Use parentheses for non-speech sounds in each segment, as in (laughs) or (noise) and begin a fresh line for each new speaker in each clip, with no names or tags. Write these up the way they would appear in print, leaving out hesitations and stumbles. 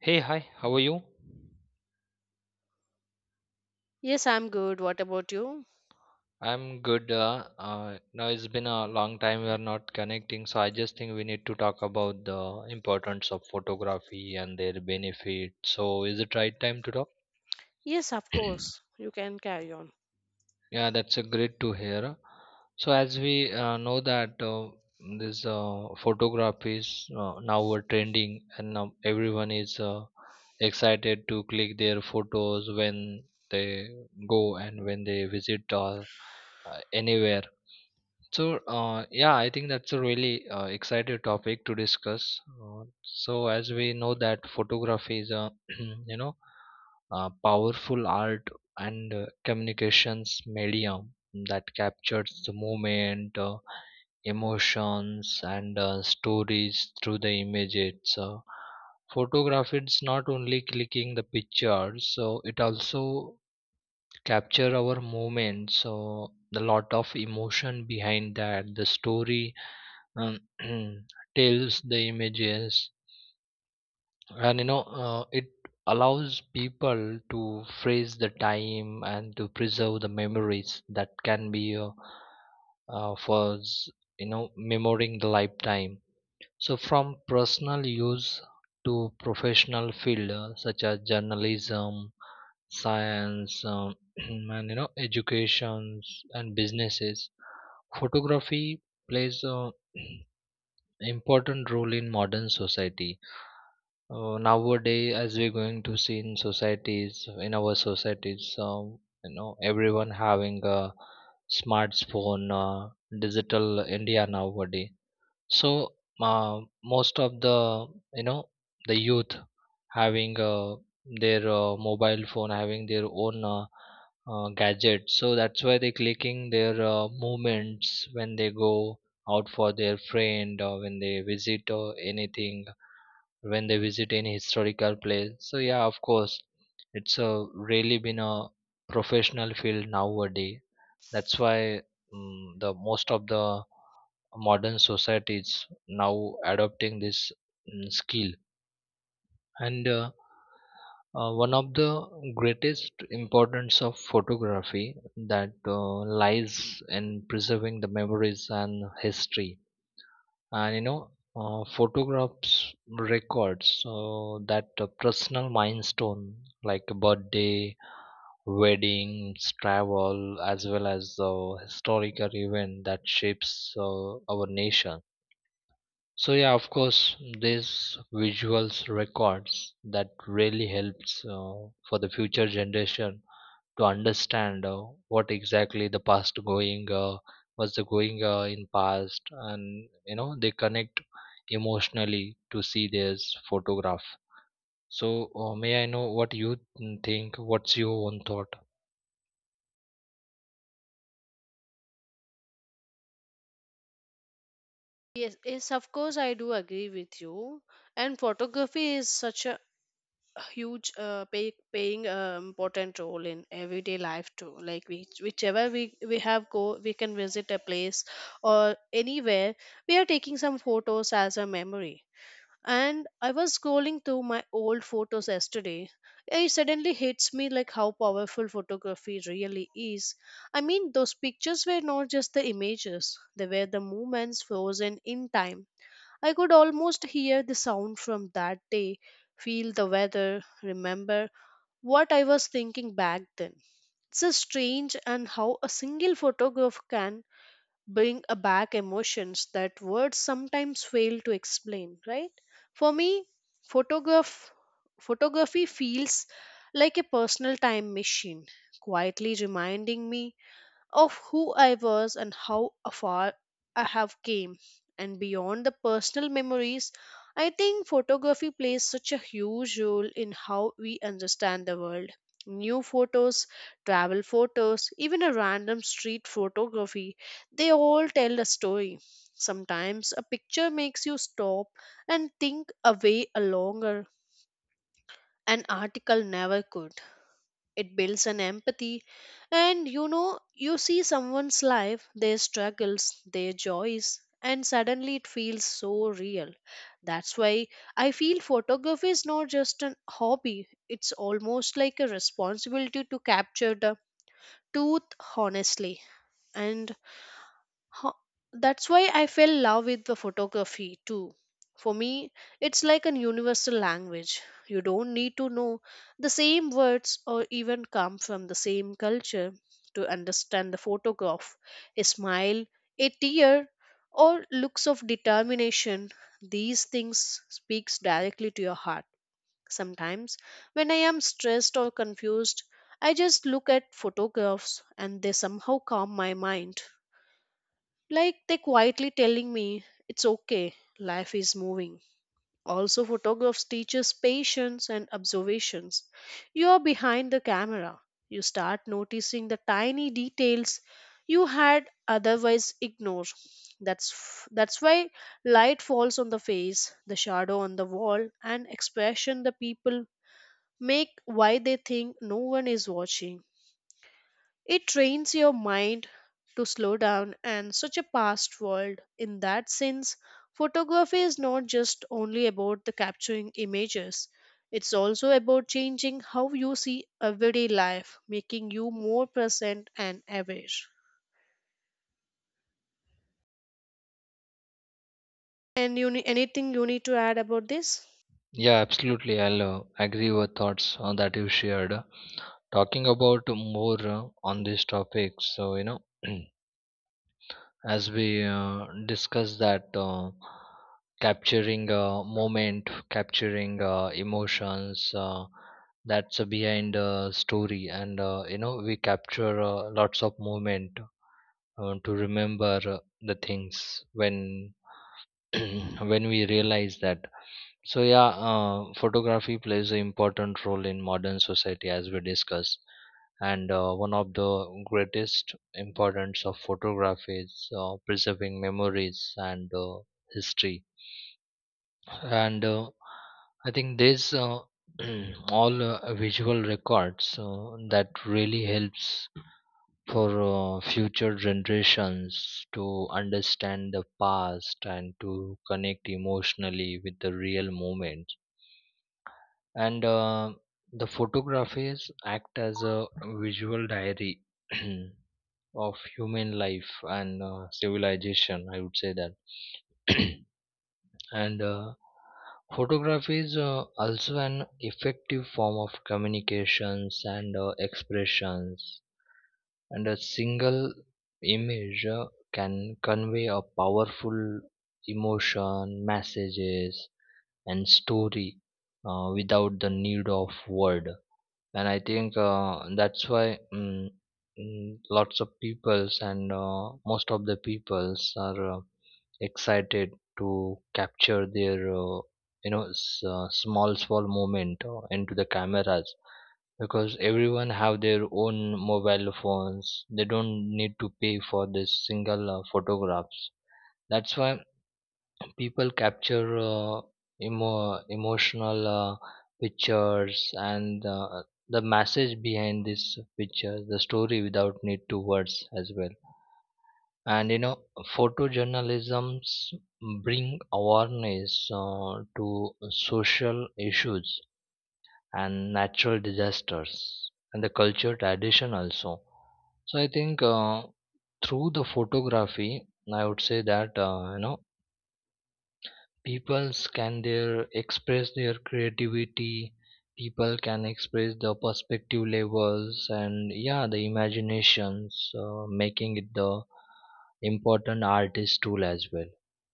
Hey, hi, how are you?
Yes, I'm good. What about you?
I'm good. Now it's been a long time we are not connecting, so I just think we need to talk about the importance of photography and their benefit. So, is it right time to talk?
Yes, of
(clears throat)
course. You can carry on.
Yeah, that's a great to hear. So, as we know that this photography is now a trending, and now everyone is excited to click their photos when they go and when they visit anywhere. So, yeah, I think that's a really exciting topic to discuss. So, as we know that photography is a (clears throat) you know a powerful art and communications medium that captures the moment, emotions, and stories through the images. Photography is not only clicking the pictures, so it also capture our moments. So, the lot of emotion behind that, the story um, (clears throat) tells the images, and it allows people to freeze the time and to preserve the memories that can be for memorizing the lifetime. So from personal use to professional field such as journalism, science, (clears throat) and educations and businesses. Photography plays a (clears throat) important role in modern society nowadays. As we're going to see in our societies, everyone having a smartphone, digital india nowadays. So most of the you know the youth having their mobile phone, having their own gadget, so that's why they clicking their movements when they go out for their friend or when they visit or anything, when they visit any historical place. So yeah, of course, it's a really been a professional field nowadays. That's why the most of the modern societies now adopting this skill. And one of the greatest importance of photography that lies in preserving the memories and history. And photographs records so that personal milestone like birthday, weddings, travel, as well as historical event that shapes our nation. So yeah, of course, these visuals records that really helps for the future generation to understand what exactly the past going was the going in past, and they connect emotionally to see this photograph. So may I know what you think what's your own thought?
Yes, yes, of course, I do agree with you. And photography is such a huge, paying important role in everyday life too. Like whichever we have go, we can visit a place or anywhere. We are taking some photos as a memory. And I was scrolling through my old photos yesterday. It suddenly hits me like how powerful photography really is. I mean, those pictures were not just the images, they were the moments frozen in time. I could almost hear the sound from that day, feel the weather, remember what I was thinking back then. It's a strange and how a single photograph can bring a back emotions that words sometimes fail to explain, right? For me, photograph photography feels like a personal time machine, quietly reminding me of who I was and how far I have came. And beyond the personal memories, I think photography plays such a huge role in how we understand the world. New photos, travel photos, even a random street photography, they all tell a story. Sometimes a picture makes you stop and think a way a longer an article never could. It builds an empathy, and you know you see someone's life, their struggles, their joys, and suddenly it feels so real. That's why I feel photography is not just an hobby, it's almost like a responsibility to capture the truth honestly. And Huh, that's why I fell in love with the photography too. For me, it's like a universal language. You don't need to know the same words or even come from the same culture to understand the photograph. A smile, a tear, or looks of determination, these things speaks directly to your heart. Sometimes when I am stressed or confused, I just look at photographs and they somehow calm my mind, like they quietly telling me it's okay, life is moving. Also photographs teaches patience and observations. You are behind the camera, you start noticing the tiny details you had otherwise ignored. That's why light falls on the face, the shadow on the wall, and expression the people make why they think no one is watching. It trains your mind to slow down and such a fast world. In that sense, photography is not just only about the capturing images. It's also about changing how you see everyday life, making you more present and aware. And you need, anything you need to add about this?
Yeah, absolutely. I'll agree with thoughts that you shared. Talking about more on this topic, so (clears throat) as we discussed that capturing a moment, capturing emotions, that's behind a story, and we capture lots of moment to remember the things when (clears throat) when we realize that. So yeah, photography plays an important role in modern society as we discussed, and one of the greatest importance of photography is preserving memories and history. And I think there's (clears throat) all visual records that really helps for future generations to understand the past and to connect emotionally with the real moment. And the photographies act as a visual diary (clears throat) of human life and civilization, I would say that. (clears throat) And photography is also an effective form of communications and expressions, and a single image can convey a powerful emotion messages and story without the need of word. And I think that's why lots of peoples and most of the peoples are excited to capture their small small moment into the cameras, because everyone have their own mobile phones, they don't need to pay for this single photographs. That's why people capture emotional pictures, and the message behind this picture, the story without need to words as well. And photojournalisms bring awareness to social issues and natural disasters and the culture tradition also. So I think through the photography, I would say that people can their express their creativity, people can express the perspective levels, and yeah, the imaginations making it the important artist tool as well.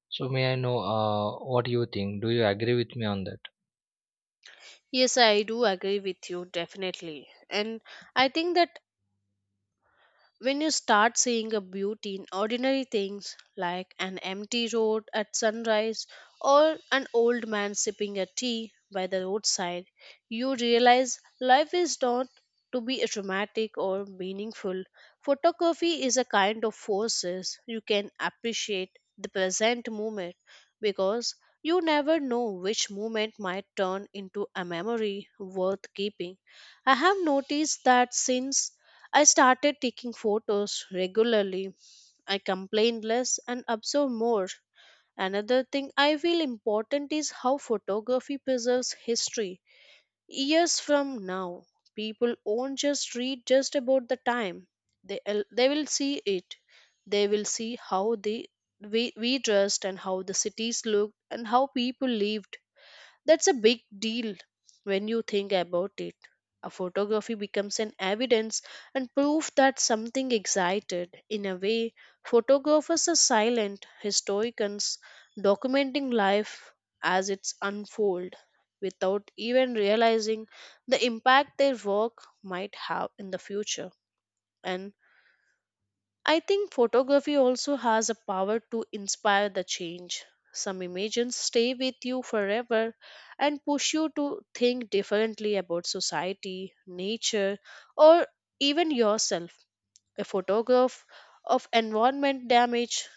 So may I know what you think? Do you agree with me on that?
Yes, I do agree with you definitely. And I think that when you start seeing a beauty in ordinary things like an empty road at sunrise or an old man sipping a tea by the roadside, you realize life is not to be dramatic or meaningful. Photography is a kind of forces you can appreciate the present moment, because you never know which moment might turn into a memory worth keeping. I have noticed that since I started taking photos regularly. I complain less and observe more. Another thing I feel important is how photography preserves history. Years from now, people won't just read just about the time. They will see it. They will see how we dressed and how the cities looked and how people lived. That's a big deal when you think about it. A photography becomes an evidence and proof that something excited. In a way, photographers are silent historians documenting life as it's unfold without even realizing the impact their work might have in the future. And I think photography also has a power to inspire the change. Some images stay with you forever and push you to think differently about society, nature, or even yourself. A photograph of environment damage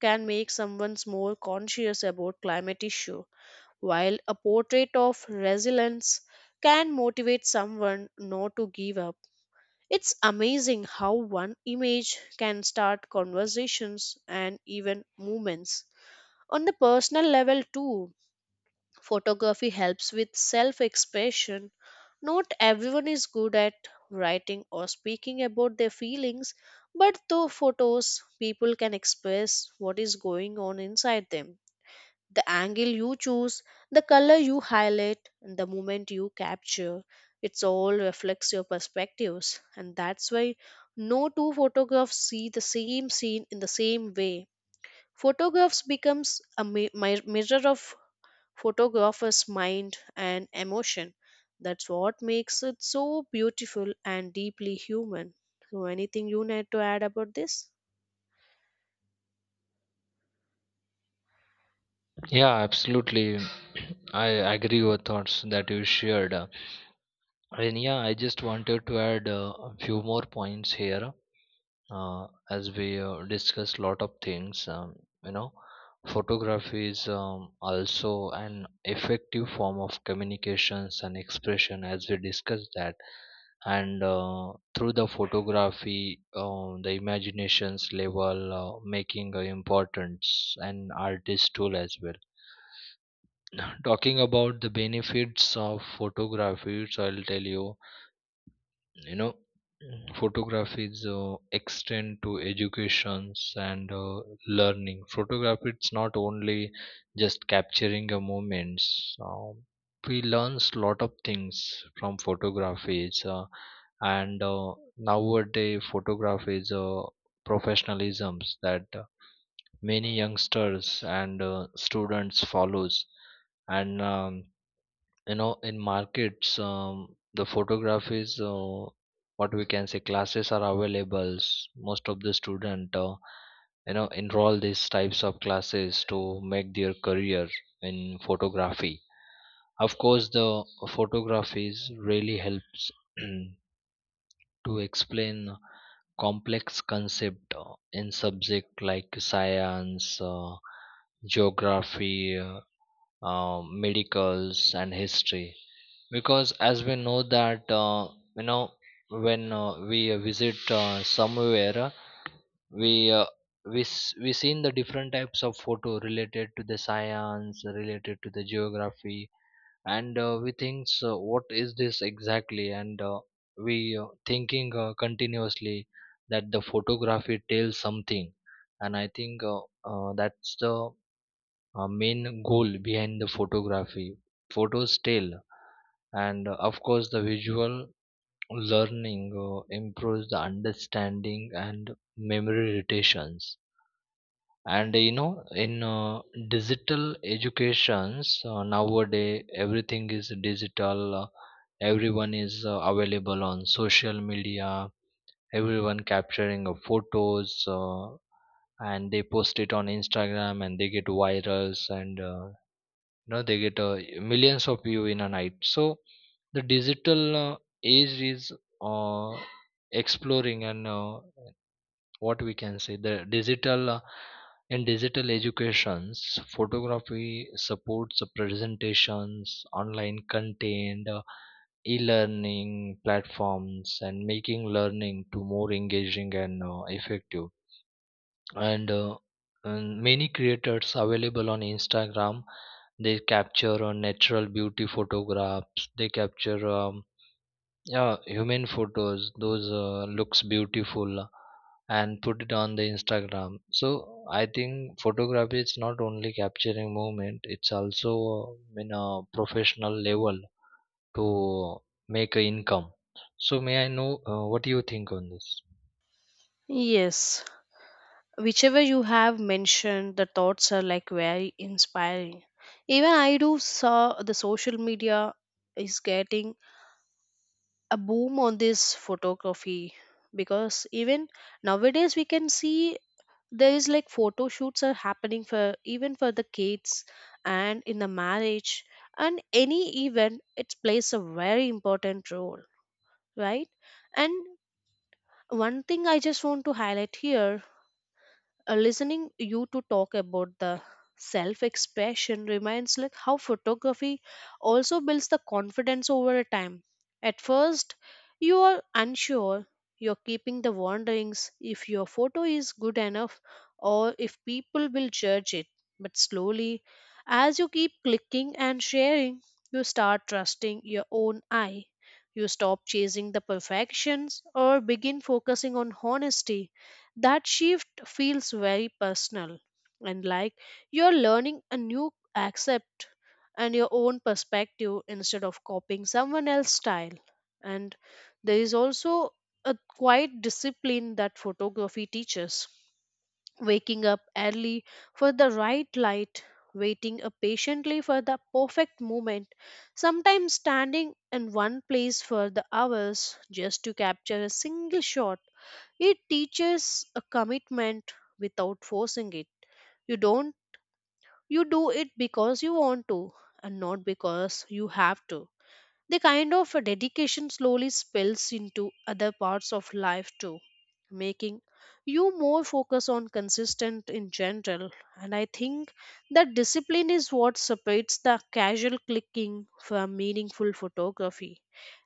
can make someone more conscious about climate issue, while a portrait of resilience can motivate someone not to give up. It's amazing how one image can start conversations and even movements. On the personal level, too, photography helps with self expression. Not everyone is good at writing or speaking about their feelings, but through photos, people can express what is going on inside them, the angle you choose, the color you highlight, and the moment you capture. It's all reflects your perspectives, and that's why no two photographs see the same scene in the same way. Photographs becomes a mirror of photographer's mind and emotion. That's what makes it so beautiful and deeply human. So, anything you need to add about this?
Yeah, absolutely. (clears throat) I agree with thoughts that you shared. And yeah, I just wanted to add a few more points here. As we discussed lot of things, you know photography is also an effective form of communications and expression as we discussed that. And through the photography, the imaginations level making a importance and artist tool as well. (laughs) (clears throat) Talking about the benefits of photography, so I'll tell you, you know Mm. photography is extend to educations. And learning photography, it's not only just capturing a moments. We learns lot of things from photographies, and nowadays photography is professionalisms that many youngsters and students follows. And in markets, the photographies, what we can say, classes are available. Most of the student, enroll these types of classes to make their career in photography. Of course, the photographies really helps (clears throat) to explain complex concept in subject like science, geography, medicals and history, because as we know that you know when we visit somewhere, we uh, we seen the different types of photo related to the science, related to the geography, and we think so what is this exactly, and we thinking continuously that the photography tells something. And I think that's the main goal behind the photography. Photos tell, and of course, the visual learning improves the understanding and memory retentions. And in digital educations nowadays, everything is digital. Everyone is available on social media. Everyone capturing photos. And they post it on Instagram and they get virals, and they get millions of view in a night. So the digital age is uh, exploring, and what we can say the digital in digital educations, photography supports the presentations, online content, e-learning platforms, and making learning to more engaging and effective. And, uh, and many creators available on Instagram, they capture natural beauty photographs, they capture yeah, human photos those looks beautiful and put it on the Instagram. So I think photography is not only capturing movement, it's also in a professional level to make a income. So may I know what do you think on this?
Yes, whichever you have mentioned the thoughts are like very inspiring. Even I do saw the social media is getting a boom on this photography, because even nowadays we can see there is like photo shoots are happening for even for the kids, and in the marriage and any event it plays a very important role, right? And one thing I just want to highlight here, listening you to talk about the self expression reminds like how photography also builds the confidence over a time. At first you are unsure, you're keeping the wonderings if your photo is good enough or if people will judge it, but slowly as you keep clicking and sharing you start trusting your own eye. You stop chasing the perfections or begin focusing on honesty. That shift feels very personal, and like you're learning a new accept and your own perspective instead of copying someone else's style. And there is also a quiet discipline that photography teaches. Waking up early for the right light, waiting patiently for the perfect moment, sometimes standing in one place for the hours just to capture a single shot, it teaches a commitment without forcing it. You don't, you do it because you want to, and not because you have to. The kind of a dedication slowly spills into other parts of life too, making you more focused on consistent in general. And I think that discipline is what separates the casual clicking from meaningful photography.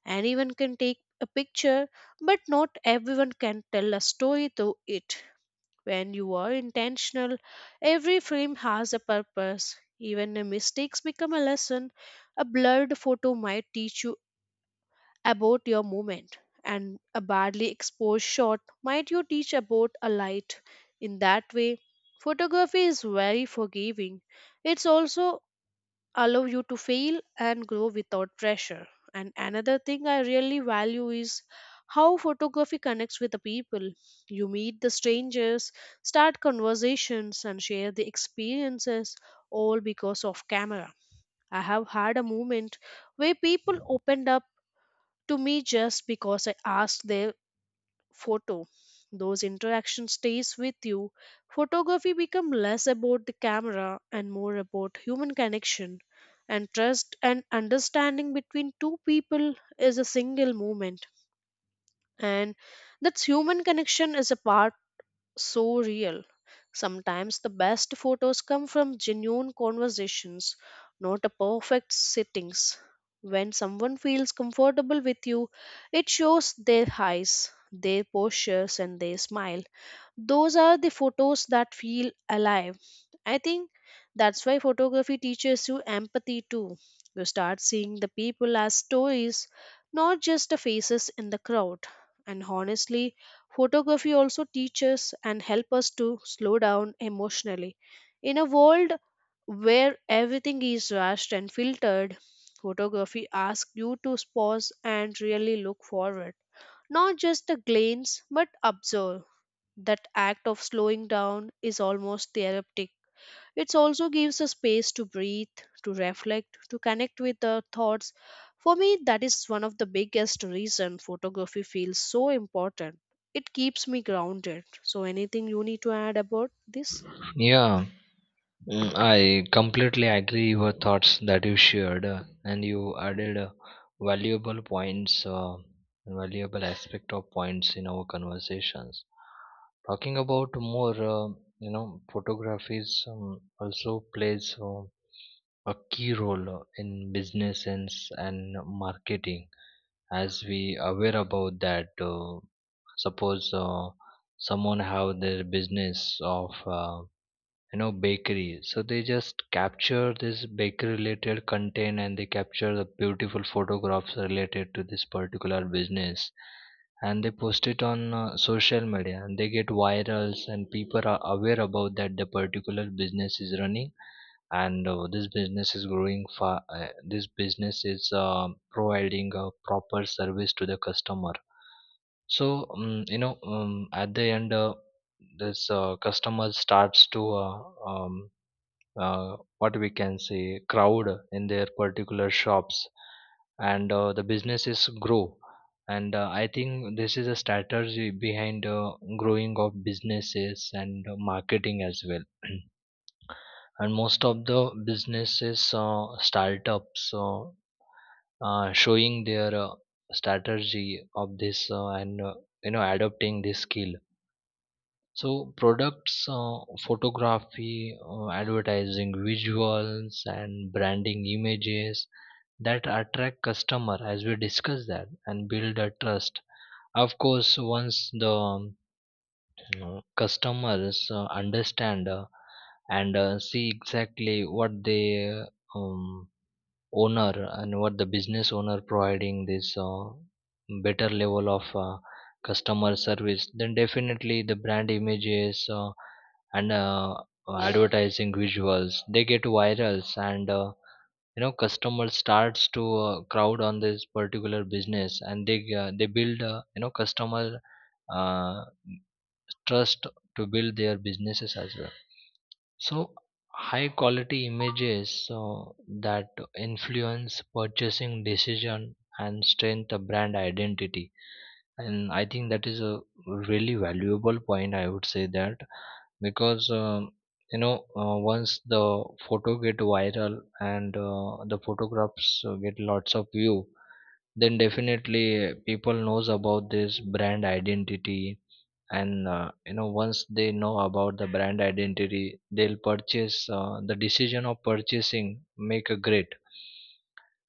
Anyone can take a picture, but not everyone can tell a story through it. When you are intentional, every frame has a purpose. Even the mistakes become a lesson. A blurred photo might teach you about your movement, and a badly exposed shot might you teach about a light. In that way, photography is very forgiving. It's also allow you to fail and grow without pressure. And another thing I really value is how photography connects with the people. You meet the strangers, start conversations and share the experiences, all because of camera. I have had a moment where people opened up to me just because I asked their photo. Those interaction stays with you. Photography become less about the camera and more about human connection, and trust and understanding between two people is a single moment, and that's human connection is a part so real. Sometimes the best photos come from genuine conversations, not a perfect sittings. When someone feels comfortable with you, it shows their eyes, their postures, and their smile. Those are the photos that feel alive. I think that's why photography teaches you empathy too. You start seeing the people as stories, not just the faces in the crowd. And honestly, photography also teaches and helps us to slow down emotionally. In a world where everything is rushed and filtered, photography asks you to pause and really look forward. Not just a glance, but observe. That act of slowing down is almost therapeutic. It also gives a space to breathe, to reflect, to connect with the thoughts. For me, that is one of the biggest reason photography feels so important. It keeps me grounded. So anything you need to add about this?
Yeah. I completely agree your thoughts that you shared, and you added valuable points, valuable aspect of points in our conversations. Talking about more, photographies also plays a key role in business and marketing. As we aware about that, suppose someone have their business of. Uh, bakery, so they just capture this bakery related content, and they capture the beautiful photographs related to this particular business, and they post it on social media and they get virals, and people are aware about that the particular business is running, and this business is providing a proper service to the customer. So, at the end, this customer starts to, what we can say, crowd in their particular shops, and the businesses grow. And I think this is a strategy behind growing of businesses and marketing as well. (clears throat) And most of the businesses startups showing their strategy of this, and adopting this skill. So products photography, advertising visuals, and branding images that attract customer, as we discussed that, and build a trust. Of course, once the know customers understand and see exactly what the um, owner and what the business owner providing this better level of customer service, then definitely the brand images and advertising visuals they get virals, and customer starts to crowd on this particular business, and they build customer uh, trust to build their businesses as well. So high quality images, so that influence purchasing decision and strengthen the brand identity. And I think that is a really valuable point, I would say that, because you know once the photo get viral and the photographs get lots of view, then definitely people knows about this brand identity. And once they know about the brand identity, they'll purchase the decision of purchasing make a great.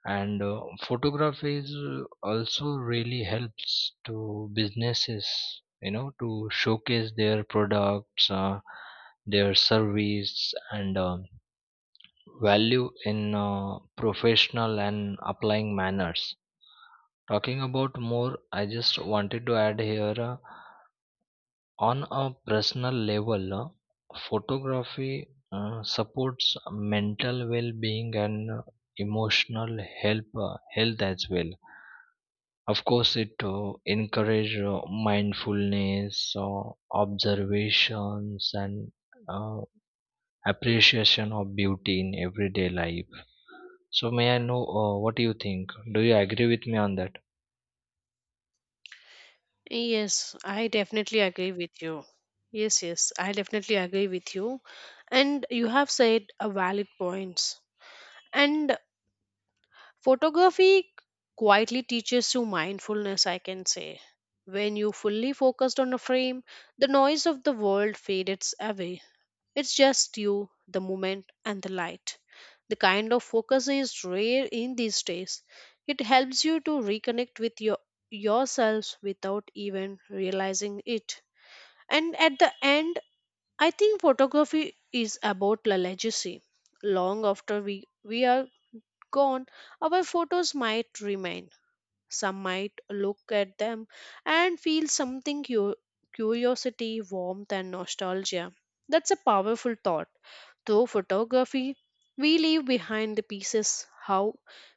And photography is also really helps to businesses, to showcase their products, their service and value in professional and applying manners. Talking about more, I just wanted to add here on a personal level, photography supports mental well-being and emotional help health as well. Of course, it encourage mindfulness, observations and uh, appreciation of beauty in everyday life. So may I know what do you think? Do you agree with me on that?
Yes, I definitely agree with you. Yes, yes, I definitely agree with you. And you have said a valid points. And photography quietly teaches you mindfulness, I can say. When you fully focused on a frame, the noise of the world fades away. It's just you, the moment, and the light. The kind of focus is rare in these days. It helps you to reconnect with your yourself without even realizing it. And at the end, I think photography is about a legacy. Long after we are gone, our photos might remain. Some might look at them and feel something curiosity, warmth, and nostalgia. That's a powerful thought. Through photography, we leave behind the pieces how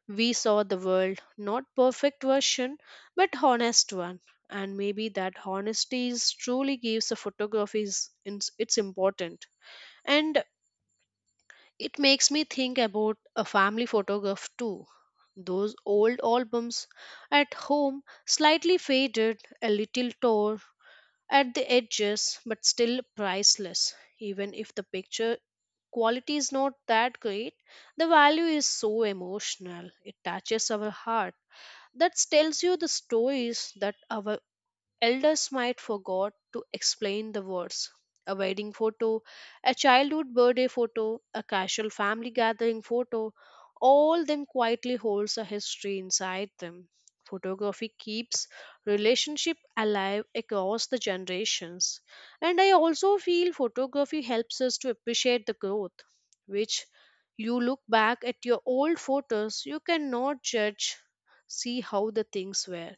we saw the world, not perfect version, but honest one. And maybe that honesty is truly gives the photography is, its importance. And it makes me think about a family photograph too. Those old albums at home, slightly faded, a little torn at the edges, but still priceless. Even if the picture quality is not that great, the value is so emotional. It touches our heart. That tells you the stories that our Elders might forgot to explain the words. A wedding photo, a childhood birthday photo, a casual family gathering photo, all them quietly holds a history inside them. Photography keeps relationship alive across the generations. And I also feel photography helps us to appreciate the growth, which you look back at your old photos, you cannot judge, see how the things were,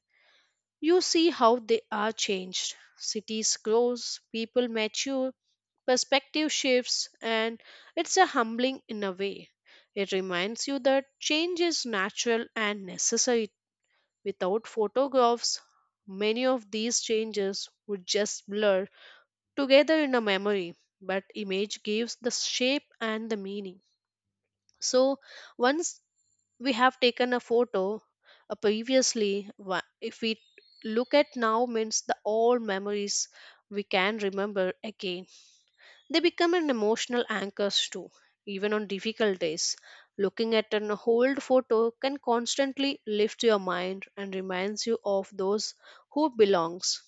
you see how they are changed. Cities grows, people mature, perspective shifts, and it's a humbling in a way. It reminds you that change is natural and necessary. Without photographs, many of these changes would just blur together in a memory, but image gives the shape and the meaning. So once we have taken a photo, previously wha- if we look at now means the old memories, we can remember again. They become an emotional anchors too. Even on difficult days, looking at an old photo can constantly lift your mind and reminds you of those who belongs.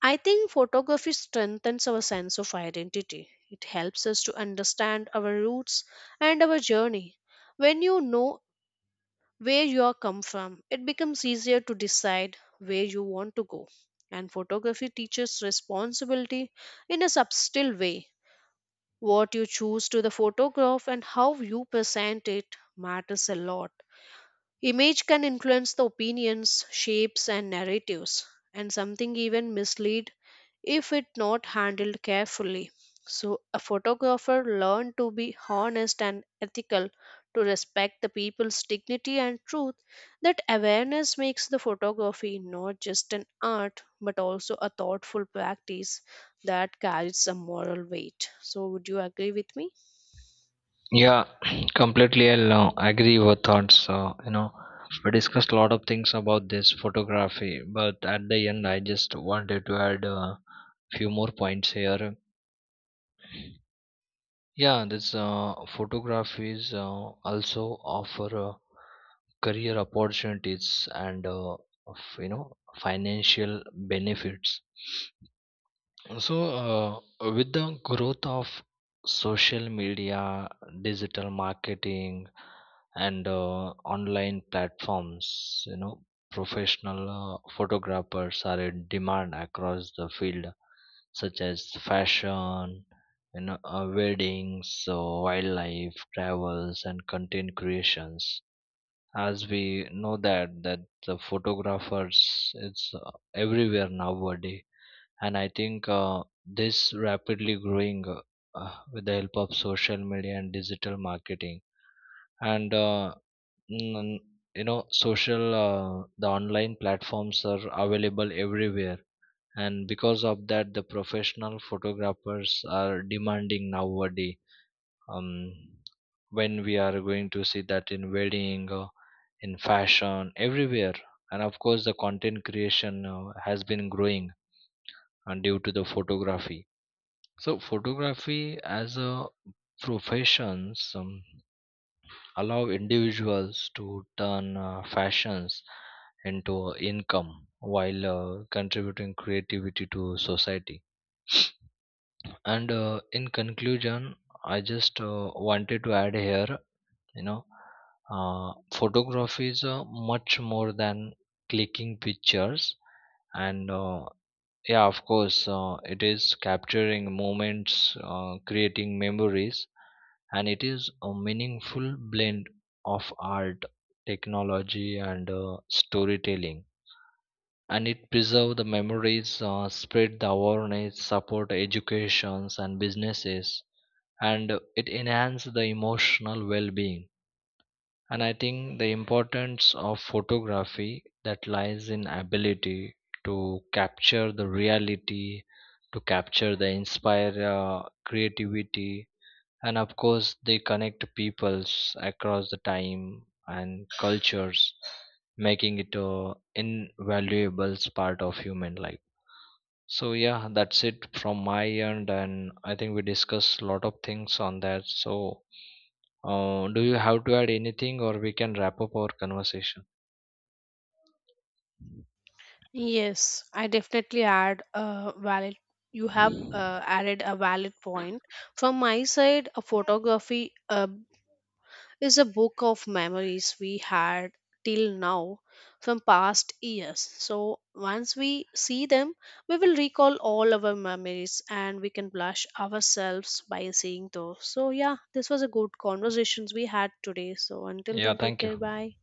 I think photography strengthens our sense of identity, it helps us to understand our roots and our journey. When you know where you are come from, it becomes easier to decide where you want to go. And photography teaches responsibility in a subtle way. What you choose to the photograph and how you present it matters a lot. Image can influence the opinions, shapes and narratives, and something even mislead if it not handled carefully. So a photographer learned to be honest and ethical, to respect the people's dignity and truth. That awareness makes the photography not just an art but also a thoughtful practice that carries a moral weight. So would you agree with me?
Yeah, (clears throat) completely. I'll agree with your thoughts. We discussed a lot of things about this photography, but at the end, I just wanted to add a few more points here. Yeah, this photographies also offer career opportunities and of, you know financial benefits. So, with the growth of social media, digital marketing, and online platforms, you know, professional photographers are in demand across the field, such as fashion, weddings, so wildlife, travels, and content creations. As we know that that the photographers, it's everywhere nowadays. And I think this rapidly growing with the help of social media and digital marketing, and mm, social the online platforms are available everywhere, and because of that, the professional photographers are demanding nowadays. um, when we are going to see that in wedding, in fashion, everywhere, and of course, the content creation has been growing and due to the photography. So photography as a profession allow individuals to turn fashions into income, while contributing creativity to society. And in conclusion, I just wanted to add here, you know, photography is much more than clicking pictures. And Yeah, of course, it is capturing moments, creating memories, and it is a meaningful blend of art, technology, and storytelling. And it preserve the memories, spread the awareness, support educations and businesses, and it enhance the emotional well-being. And I think the importance of photography that lies in ability to capture the reality, to capture the inspire creativity, and of course, they connect peoples across the time and cultures, making it a invaluable part of human life. So yeah, that's it from my end, and I think we discussed a lot of things on that. So do you have to add anything, or we can wrap up our conversation?
Yes, I definitely add a valid. You have added a valid point. From my side, a photography is a book of memories we had till now from past years. So once we see them, we will recall all our memories and we can blush ourselves by seeing those. So yeah, this was a good conversations we had today. So until
Yeah,
then, take
thank you.
care. Bye.